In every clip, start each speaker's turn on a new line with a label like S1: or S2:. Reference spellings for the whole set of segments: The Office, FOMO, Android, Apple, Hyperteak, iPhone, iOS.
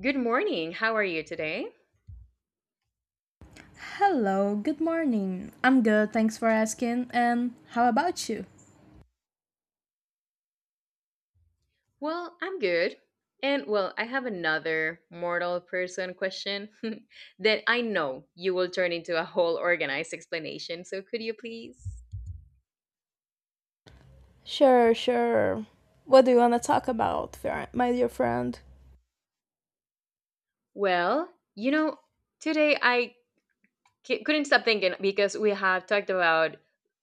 S1: Good morning. How are you today?
S2: Hello, good morning. I'm good, thanks for asking. And how about you?
S1: Well, I'm good. And I have another mortal person question that I know you will turn into a whole organized explanation. So, could you please?
S2: Sure, sure. What do you want to talk about, my dear friend?
S1: Well, you know, today I couldn't stop thinking because we have talked about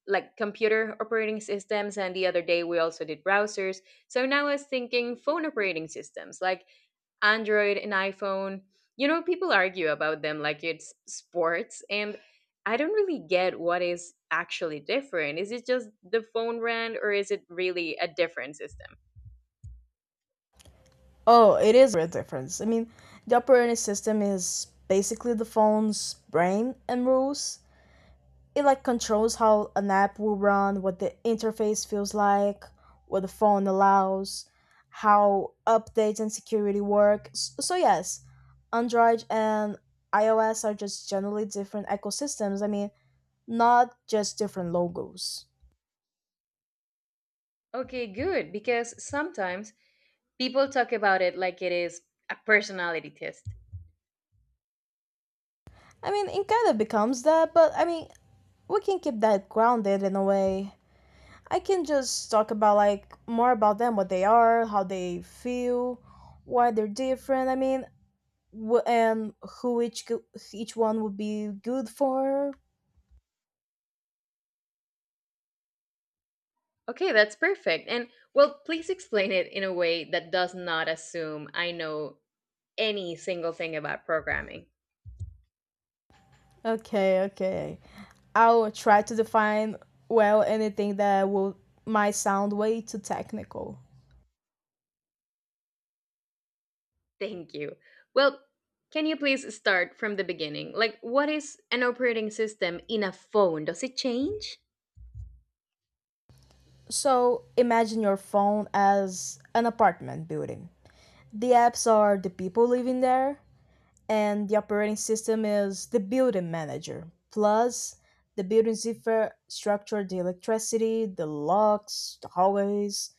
S1: like computer operating systems, and the other day we also did browsers. So now I was thinking phone operating systems. Like, Android and iPhone. You know, people argue about them like it's sports, and I don't really get what is actually different. Is it just the phone brand, or is it really a different system?
S2: Oh, it is a difference. The operating system is basically the phone's brain and rules. It like controls how an app will run, what the interface feels like, what the phone allows, how updates and security work. So yes, Android and iOS are just generally different ecosystems. Not just different logos.
S1: Okay, good, because sometimes people talk about it like it is a personality test.
S2: It kind of becomes that, but we can keep that grounded in a way. I can just talk about like more about them, what they are, how they feel, why they're different. And who each go- each one would be good for.
S1: Okay, that's perfect. And well, please explain it in a way that does not assume I know any single thing about programming.
S2: Okay, okay. I'll try to define well anything that will might sound way too technical.
S1: Thank you. Well, can you please start from the beginning? Like, what is an operating system in a phone? Does it change?
S2: So imagine your phone as an apartment building. The apps are the people living there, and the operating system is the building manager. Plus, the building zipper structure the electricity, the locks, the hallways,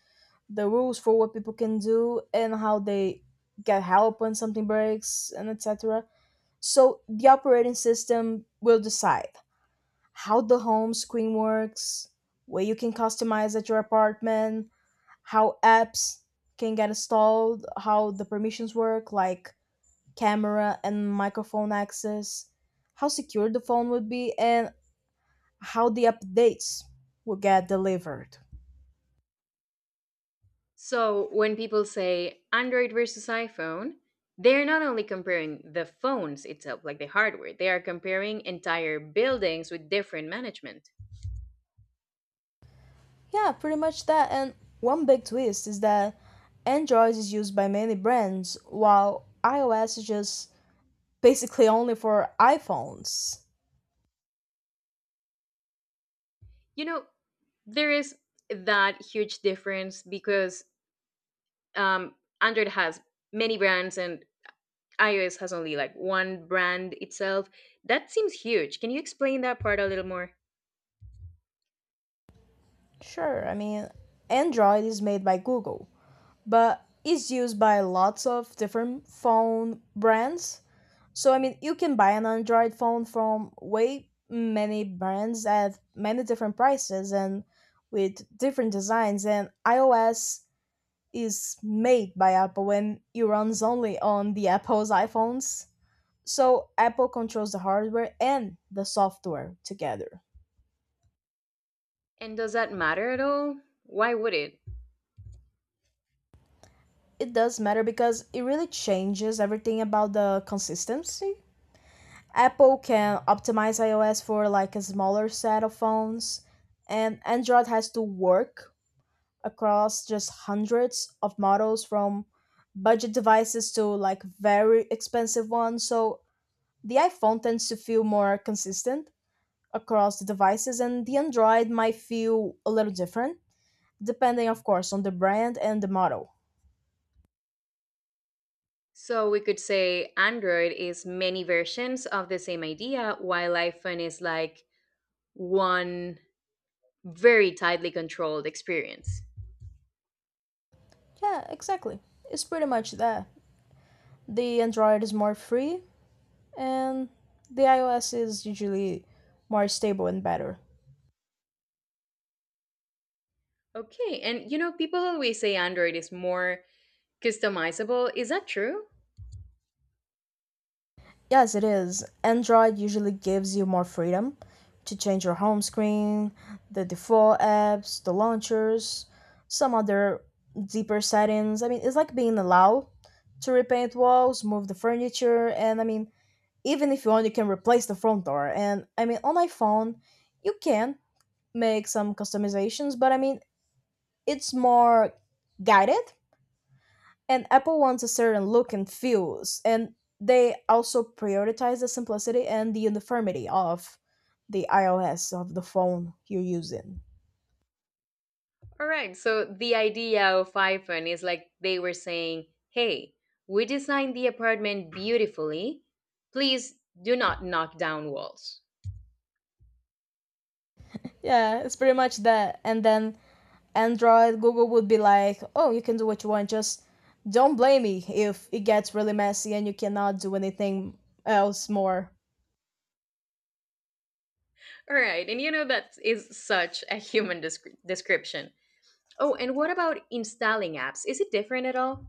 S2: the rules for what people can do and how they get help when something breaks and etc. So the operating system will decide how the home screen works, where you can customize at your apartment, how apps can get installed, how the permissions work, like camera and microphone access, how secure the phone would be, and how the updates will get delivered.
S1: So, when people say Android versus iPhone, they're not only comparing the phones itself, like the hardware, they are comparing entire buildings with different management.
S2: Yeah, pretty much that. And one big twist is that Android is used by many brands, while iOS is just basically only for iPhones.
S1: You know, there is that huge difference because um, Android has many brands and iOS has only like one brand itself. That seems huge. Can you explain that part a little more?
S2: Sure, Android is made by Google, but it's used by lots of different phone brands. So, you can buy an Android phone from way many brands at many different prices and with different designs, and iOS is made by Apple and it runs only on the Apple's iPhones. So Apple controls the hardware and the software together.
S1: And does that matter at all? Why would it?
S2: It does matter because it really changes everything about the consistency. Apple can optimize iOS for like a smaller set of phones and Android has to work across just hundreds of models from budget devices to like very expensive ones. So the iPhone tends to feel more consistent across the devices and the Android might feel a little different, depending of course on the brand and the model.
S1: So we could say Android is many versions of the same idea, while iPhone is like one very tightly controlled experience.
S2: Yeah, exactly. It's pretty much that. The Android is more free and the iOS is usually more stable and better.
S1: Okay, and you know, people always say Android is more customizable. Is that true?
S2: Yes, it is. Android usually gives you more freedom to change your home screen, the default apps, the launchers, some other deeper settings. It's like being allowed to repaint walls, move the furniture, and even if you want, you can replace the front door. And on iPhone, you can make some customizations, but it's more guided and Apple wants a certain look and feels and they also prioritize the simplicity and the uniformity of the iOS of the phone you're using.
S1: All right. So the idea of iPhone is like they were saying, hey, we designed the apartment beautifully. Please do not knock down walls.
S2: Yeah, it's pretty much that. And then Android Google would be like, oh, you can do what you want, just don't blame me if it gets really messy and you cannot do anything else more.
S1: All right. And you know, that is such a human description. Oh, and what about installing apps? Is it different at all?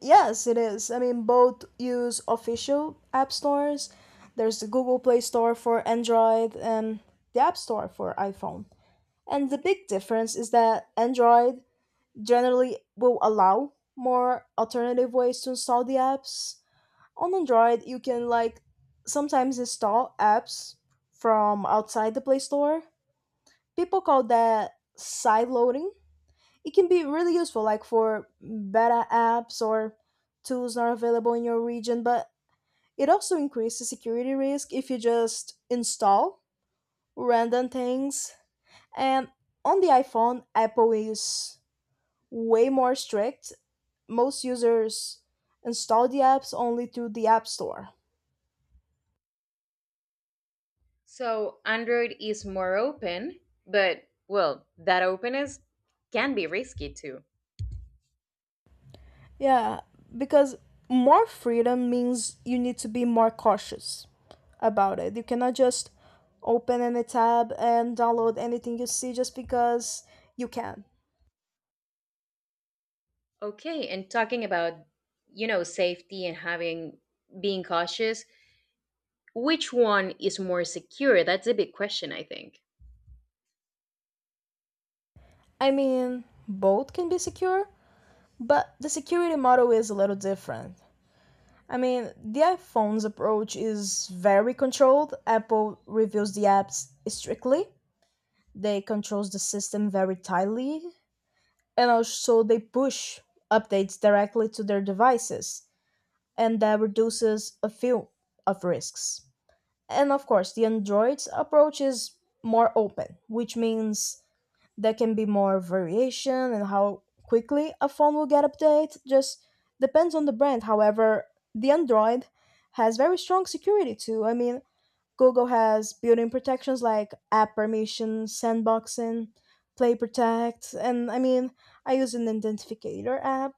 S2: Yes, it is. Both use official app stores. There's the Google Play Store for Android and the App Store for iPhone. And the big difference is that Android generally will allow more alternative ways to install the apps. On Android, you can like sometimes install apps from outside the Play Store. People call that sideloading. It can be really useful like for beta apps or tools not available in your region, but it also increases security risk if you just install random things. And on the iPhone, Apple is way more strict. Most users install the apps only through the App Store.
S1: So Android is more open, but well, that openness can be risky too.
S2: Yeah, because more freedom means you need to be more cautious about it. You cannot just open any tab and download anything you see just because you can.
S1: Okay. And talking about, you know, safety and having being cautious. Which one is more secure? That's a big question, I think.
S2: Both can be secure, but the security model is a little different. The iPhone's approach is very controlled. Apple reviews the apps strictly. They controls the system very tightly, and also they push updates directly to their devices, and that reduces a few of risks. And of course, the Android's approach is more open, which means there can be more variation in how quickly a phone will get update. Just depends on the brand. However, the Android has very strong security too. Google has built-in protections like app permissions, sandboxing, Play Protect, and I use an identificator app.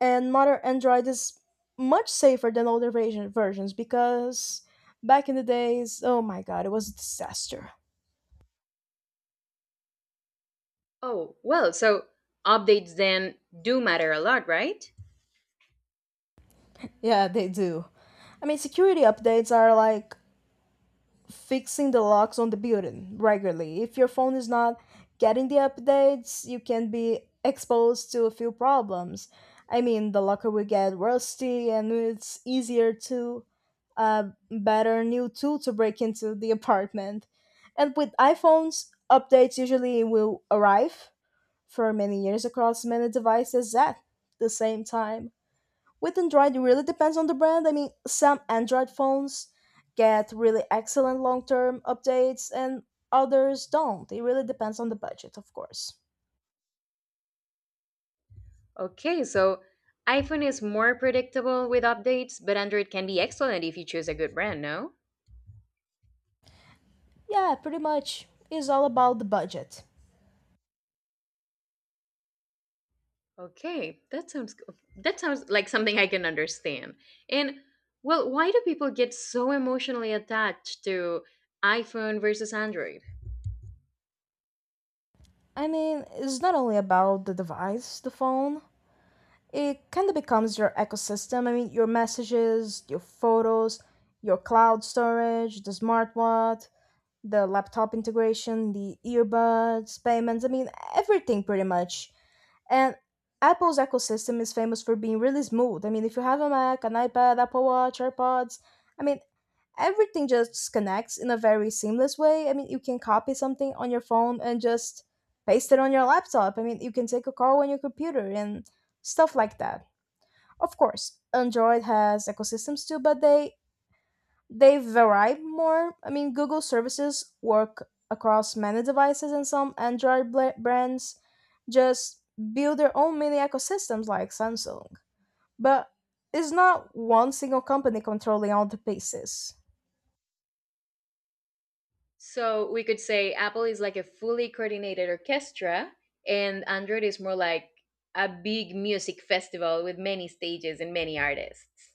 S2: And modern Android is much safer than older versions because back in the days, oh my god, it was a disaster.
S1: Oh, well, so updates then do matter a lot, right?
S2: Yeah, they do. Security updates are like fixing the locks on the building regularly. If your phone is not getting the updates, you can be exposed to a few problems. The locker will get rusty, and it's easier to a better new tool to break into the apartment. And with iPhones, updates usually will arrive for many years across many devices at the same time. With Android, it really depends on the brand. Some Android phones get really excellent long term updates, and others don't. It really depends on the budget, of course.
S1: Okay, so iPhone is more predictable with updates, but Android can be excellent if you choose a good brand, no?
S2: Yeah, pretty much is all about the budget.
S1: Okay, that sounds that sounds like something I can understand. And well, why do people get so emotionally attached to iPhone versus Android?
S2: It's not only about the device, the phone, it kind of becomes your ecosystem. Your messages, your photos, your cloud storage, the smart watch, the laptop integration, the earbuds, payments. Everything pretty much. And Apple's ecosystem is famous for being really smooth. If you have a Mac, an iPad, Apple Watch, AirPods, I mean, everything just connects in a very seamless way. You can copy something on your phone and just paste it on your laptop. You can take a call on your computer and stuff like that. Of course, Android has ecosystems too, but they vary more. Google services work across many devices, and some Android brands just build their own mini ecosystems like Samsung. But it's not one single company controlling all the pieces.
S1: So we could say Apple is like a fully coordinated orchestra, and Android is more like a big music festival with many stages and many artists.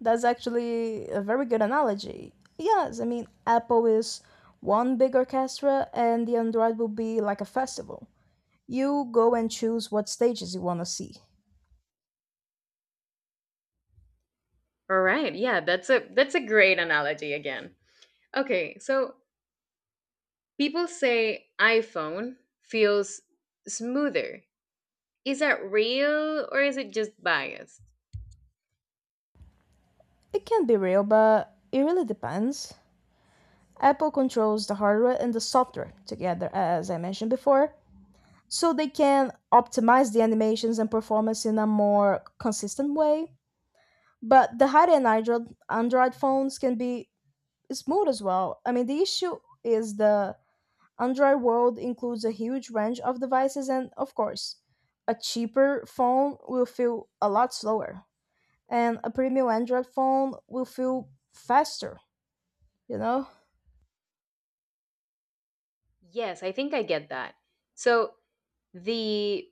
S2: That's actually a very good analogy. Yes, Apple is one big orchestra, and the Android will be like a festival. You go and choose what stages you want to see.
S1: All right, yeah, that's a great analogy again. Okay, so people say iPhone feels smoother. Is that real or is it just biased?
S2: It can be real, but it really depends. Apple controls the hardware and the software together, as I mentioned before, so they can optimize the animations and performance in a more consistent way. But the high end Android phones can be smooth as well. The issue is the Android world includes a huge range of devices, and of course, a cheaper phone will feel a lot slower, and a premium Android phone will feel faster, you know?
S1: Yes, I think I get that. So the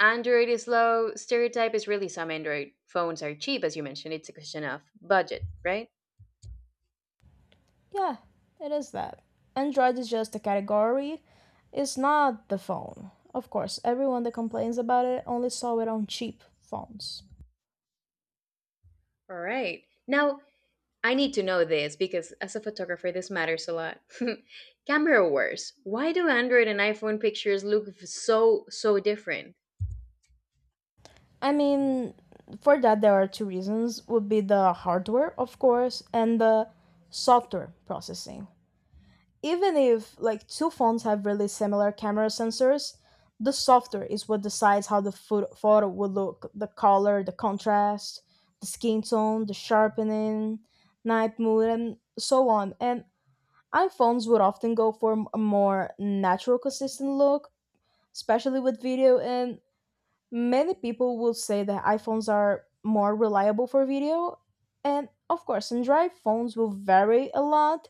S1: Android is low. Stereotype is really some Android phones are cheap, as you mentioned. It's a question of budget, right?
S2: Yeah, it is that. Android is just a category, it's not the phone. Of course, everyone that complains about it only saw it on cheap phones.
S1: All right. Now, I need to know this because as a photographer, this matters a lot. Camera wars. Why do Android and iPhone pictures look so, so different?
S2: I mean, for that there are two reasons would be the hardware, of course, and the software processing. Even if like two phones have really similar camera sensors, the software is what decides how the photo will look, the color, the contrast, the skin tone, the sharpening, night mode and so on. And iPhones would often go for a more natural consistent look, especially with video, and many people will say that iPhones are more reliable for video. And of course, Android phones will vary a lot,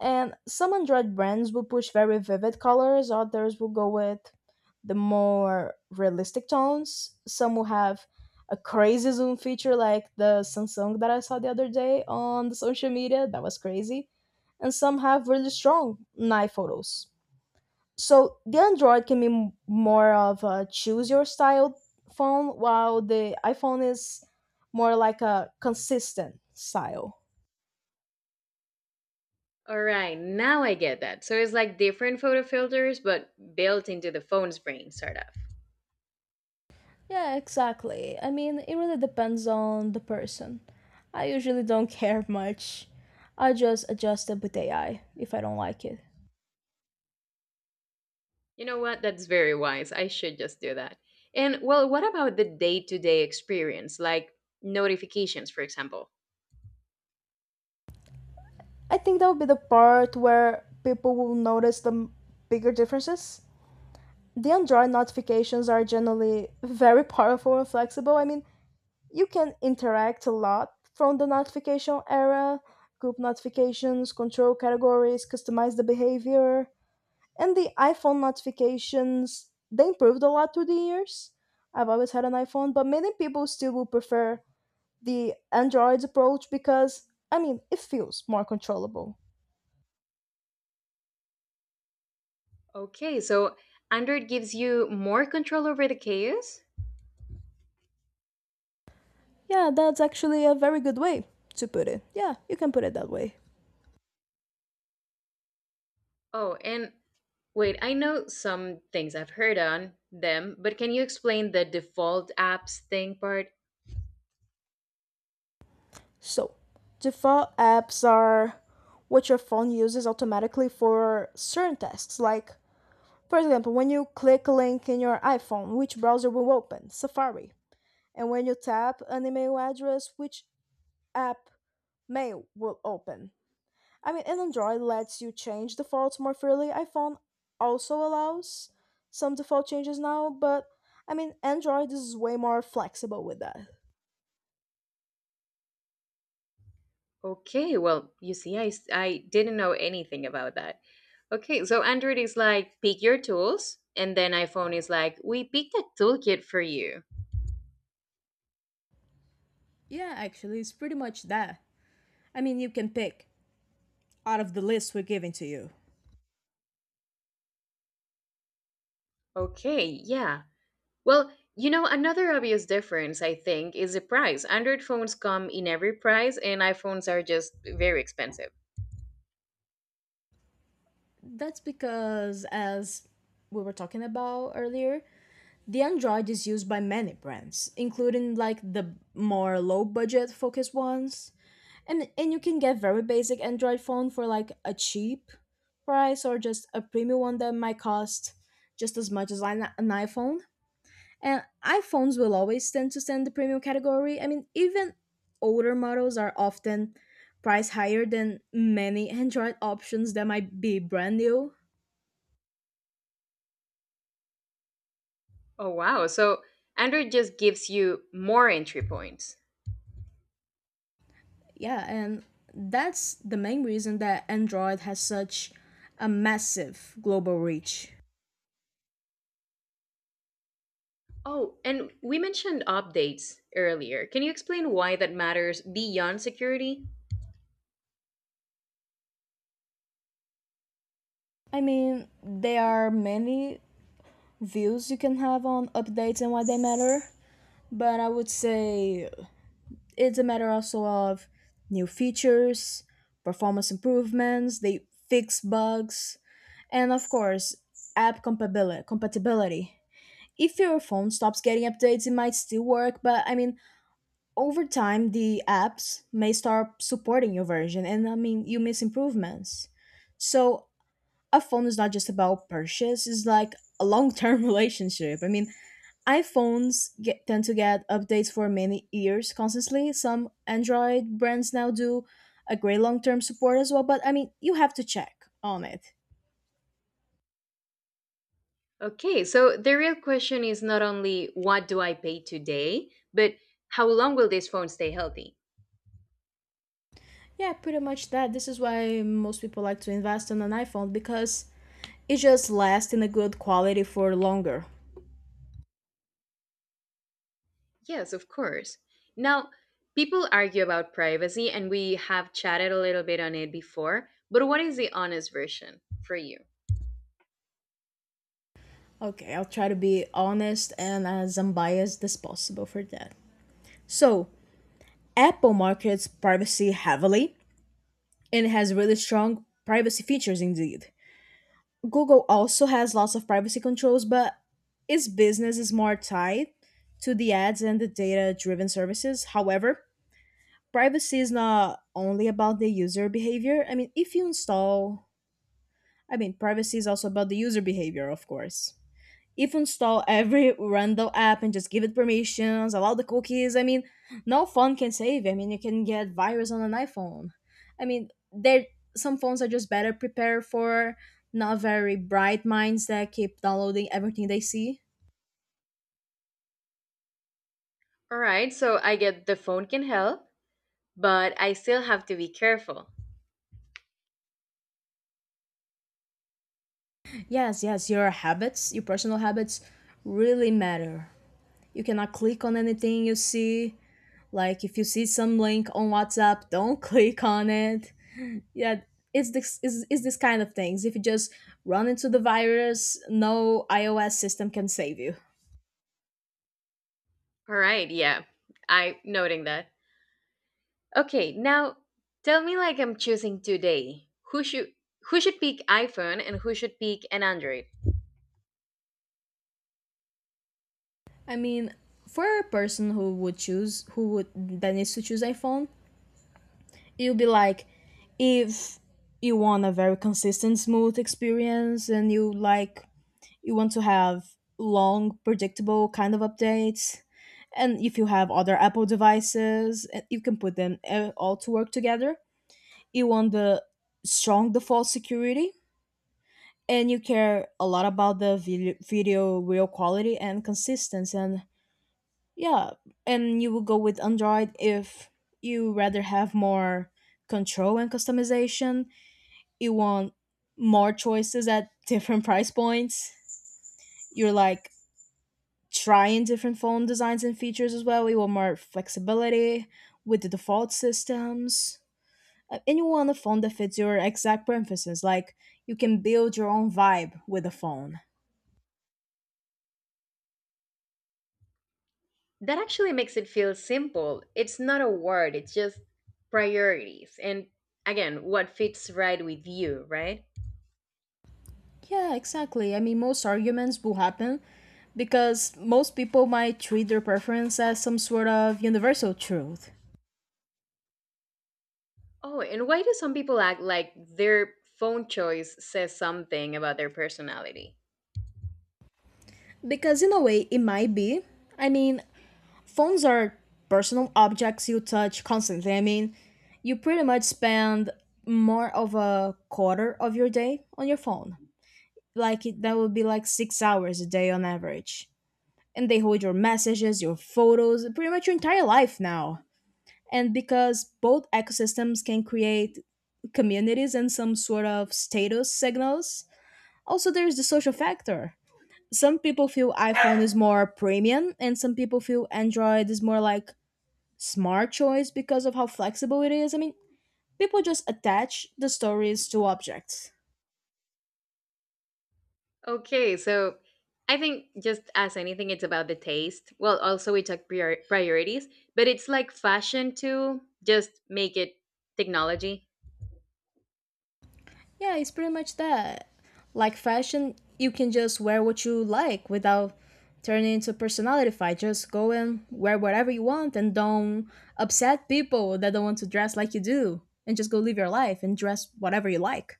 S2: and some Android brands will push very vivid colors, others will go with the more realistic tones. Some will have a crazy zoom feature like the Samsung that I saw the other day on the social media. That was crazy. And some have really strong night photos. So the Android can be more of a choose your style phone, while the iPhone is more like a consistent style.
S1: All right, now I get that. So it's like different photo filters, but built into the phone's brain, sort of.
S2: Yeah, exactly. It really depends on the person. I usually don't care much. I just adjust it with AI if I don't like it.
S1: You know what? That's very wise. I should just do that. And, well, what about the day to day experience, like notifications, for example?
S2: I think that would be the part where people will notice the bigger differences. The Android notifications are generally very powerful and flexible. You can interact a lot from the notification era, group notifications, control categories, customize the behavior. And the iPhone notifications, they improved a lot through the years. I've always had an iPhone, but many people still will prefer the Android approach because, it feels more controllable.
S1: Okay, so Android gives you more control over the chaos?
S2: Yeah, that's actually a very good way to put it. Yeah, you can put it that way.
S1: Oh, and wait, I know some things I've heard on them, but can you explain the default apps thing part?
S2: So, default apps are what your phone uses automatically for certain tasks. Like, for example, when you click a link in your iPhone, which browser will open? Safari. And when you tap an email address, which app Mail will open. And Android lets you change defaults more freely. iPhone also allows some default changes now, but Android is way more flexible with that.
S1: Okay, well, you see, I didn't know anything about that. Okay, so Android is like, pick your tools, and then iPhone is like, we picked a toolkit for you.
S2: Yeah, actually, it's pretty much that. I mean, you can pick out of the list we're giving to you.
S1: Okay, yeah. Well, you know, another obvious difference, I think, is the price. Android phones come in every price, and iPhones are just very expensive.
S2: That's because, as we were talking about earlier, the Android is used by many brands, including like the more low budget focused ones. And you can get very basic android phone for like a cheap price, or just a premium one that might cost just as much as an iphone. And iphones will always tend to stand the premium category. I mean, even older models are often priced higher than many android options that might be brand new.
S1: Oh, wow. So, Android just gives you more entry points.
S2: Yeah, and that's the main reason that android has such a massive global reach.
S1: Oh, and we mentioned updates earlier. Can you explain why that matters beyond security?
S2: I mean, there are many views you can have on updates and why they matter. But I would say it's a matter also of new features, performance improvements, they fix bugs, and of course, app compatibility. If your phone stops getting updates, it might still work, but over time, the apps may start supporting your version, and you miss improvements. So, a phone is not just about purchase, it's like a long term relationship. I mean, iPhones tend to get updates for many years constantly. Some Android brands now do a great long term support as well, but you have to check on it.
S1: Okay, so the real question is not only what do I pay today, but how long will this phone stay healthy?
S2: Yeah, pretty much that. This is why most people like to invest on an iPhone because it just lasts in a good quality for longer.
S1: Yes, of course. Now, people argue about privacy, and we have chatted a little bit on it before, but what is the honest version for you?
S2: Okay, I'll try to be honest and as unbiased as possible for that. So, Apple markets privacy heavily and has really strong privacy features indeed. Google also has lots of privacy controls, but its business is more tied to the ads and the data driven services. However, privacy is not only about the user behavior. I mean, if you install, I mean, Privacy is also about the user behavior, of course. If you install every random app and just give it permissions, allow the cookies. I mean, no phone can save you. I mean, you can get virus on an iPhone. I mean, there some phones are just better prepared for not very bright minds that keep downloading everything they see.
S1: All right, so I get the phone can help, but I still have to be careful.
S2: Yes, yes, your habits, your personal habits really matter. You cannot click on anything you see. Like if you see some link on WhatsApp, don't click on it. Yeah, it's this kind of things. If you just run into the virus, no iOS system can save you.
S1: All right, yeah, I noting that. Okay, now tell me like I'm choosing today. Who should pick iPhone and who should pick an Android?
S2: I mean, for a person who would that needs to choose iphone, you'll be like, if you want a very consistent smooth experience and you like, you want to have long predictable kind of updates, and if you have other apple devices, you can put them all to work together. You want the strong default security, and you care a lot about the video real quality and consistency. And yeah, and you will go with android if you rather have more control and customization, you want more choices at different price points, you're like trying different phone designs and features as well, you want more flexibility with the default systems. And you want a phone that fits your exact preferences, like you can build your own vibe with a phone.
S1: That actually makes it feel simple. It's not a word, it's just priorities. And again, what fits right with you, right?
S2: Yeah, exactly. I mean, most arguments will happen because most people might treat their preference as some sort of universal truth.
S1: Oh, and why do some people act like their phone choice says something about their personality?
S2: Because, in a way, it might be. I mean, phones are personal objects you touch constantly. I mean, you pretty much spend more of a quarter of your day on your phone. That would be like 6 hours a day on average. And they hold your messages, your photos, pretty much your entire life now. And because both ecosystems can create communities and some sort of status signals, also there's the social factor. Some people feel iphone is more premium and some people feel android is more like smart choice because of how flexible it is. People just attach the stories to objects.
S1: Okay, so I think just as anything, it's about the taste. Well, also we talk priorities, but it's like fashion too. Just make it technology.
S2: Yeah, it's pretty much that. Like fashion, you can just wear what you like without turning into a personality fight. Just go and wear whatever you want and don't upset people that don't want to dress like you do. And just go live your life and dress whatever you like.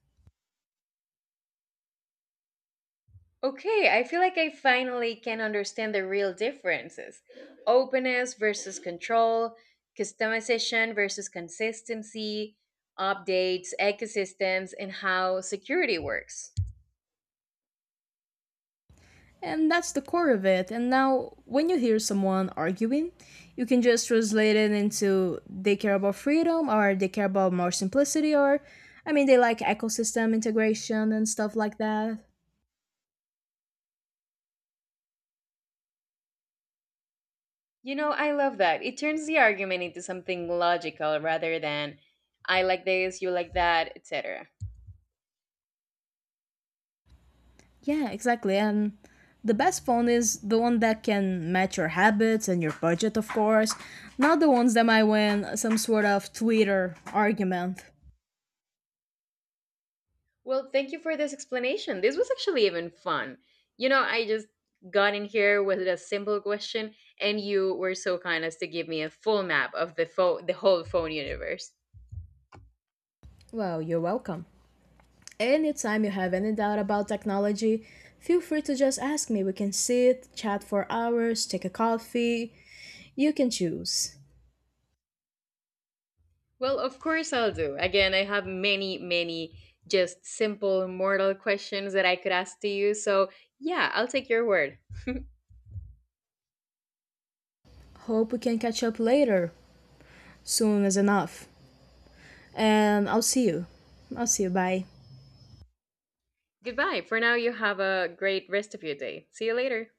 S1: Okay, I feel like I finally can understand the real differences: openness versus control, customization versus consistency, updates, ecosystems, and how security works.
S2: And that's the core of it. And now, when you hear someone arguing, you can just translate it into they care about freedom or they care about more simplicity, or, they like ecosystem integration and stuff like that.
S1: You know, I love that. It turns the argument into something logical rather than I like this, you like that, etc.
S2: Yeah, exactly. And the best phone is the one that can match your habits and your budget, of course, not the ones that might win some sort of Twitter argument.
S1: Well, thank you for this explanation. This was actually even fun. You know, I just got in here with a simple question, and you were so kind as to give me a full map of the phone, the whole phone universe.
S2: Well, you're welcome. Anytime you have any doubt about technology, feel free to just ask me. We can sit, chat for hours, take a coffee. You can choose.
S1: Well, of course I'll do. Again, I have many, many just simple mortal questions that I could ask to you. So yeah, I'll take your word.
S2: Hope we can catch up later, soon as enough. And I'll see you. I'll see you. Bye.
S1: Goodbye. For now, you have a great rest of your day. See you later.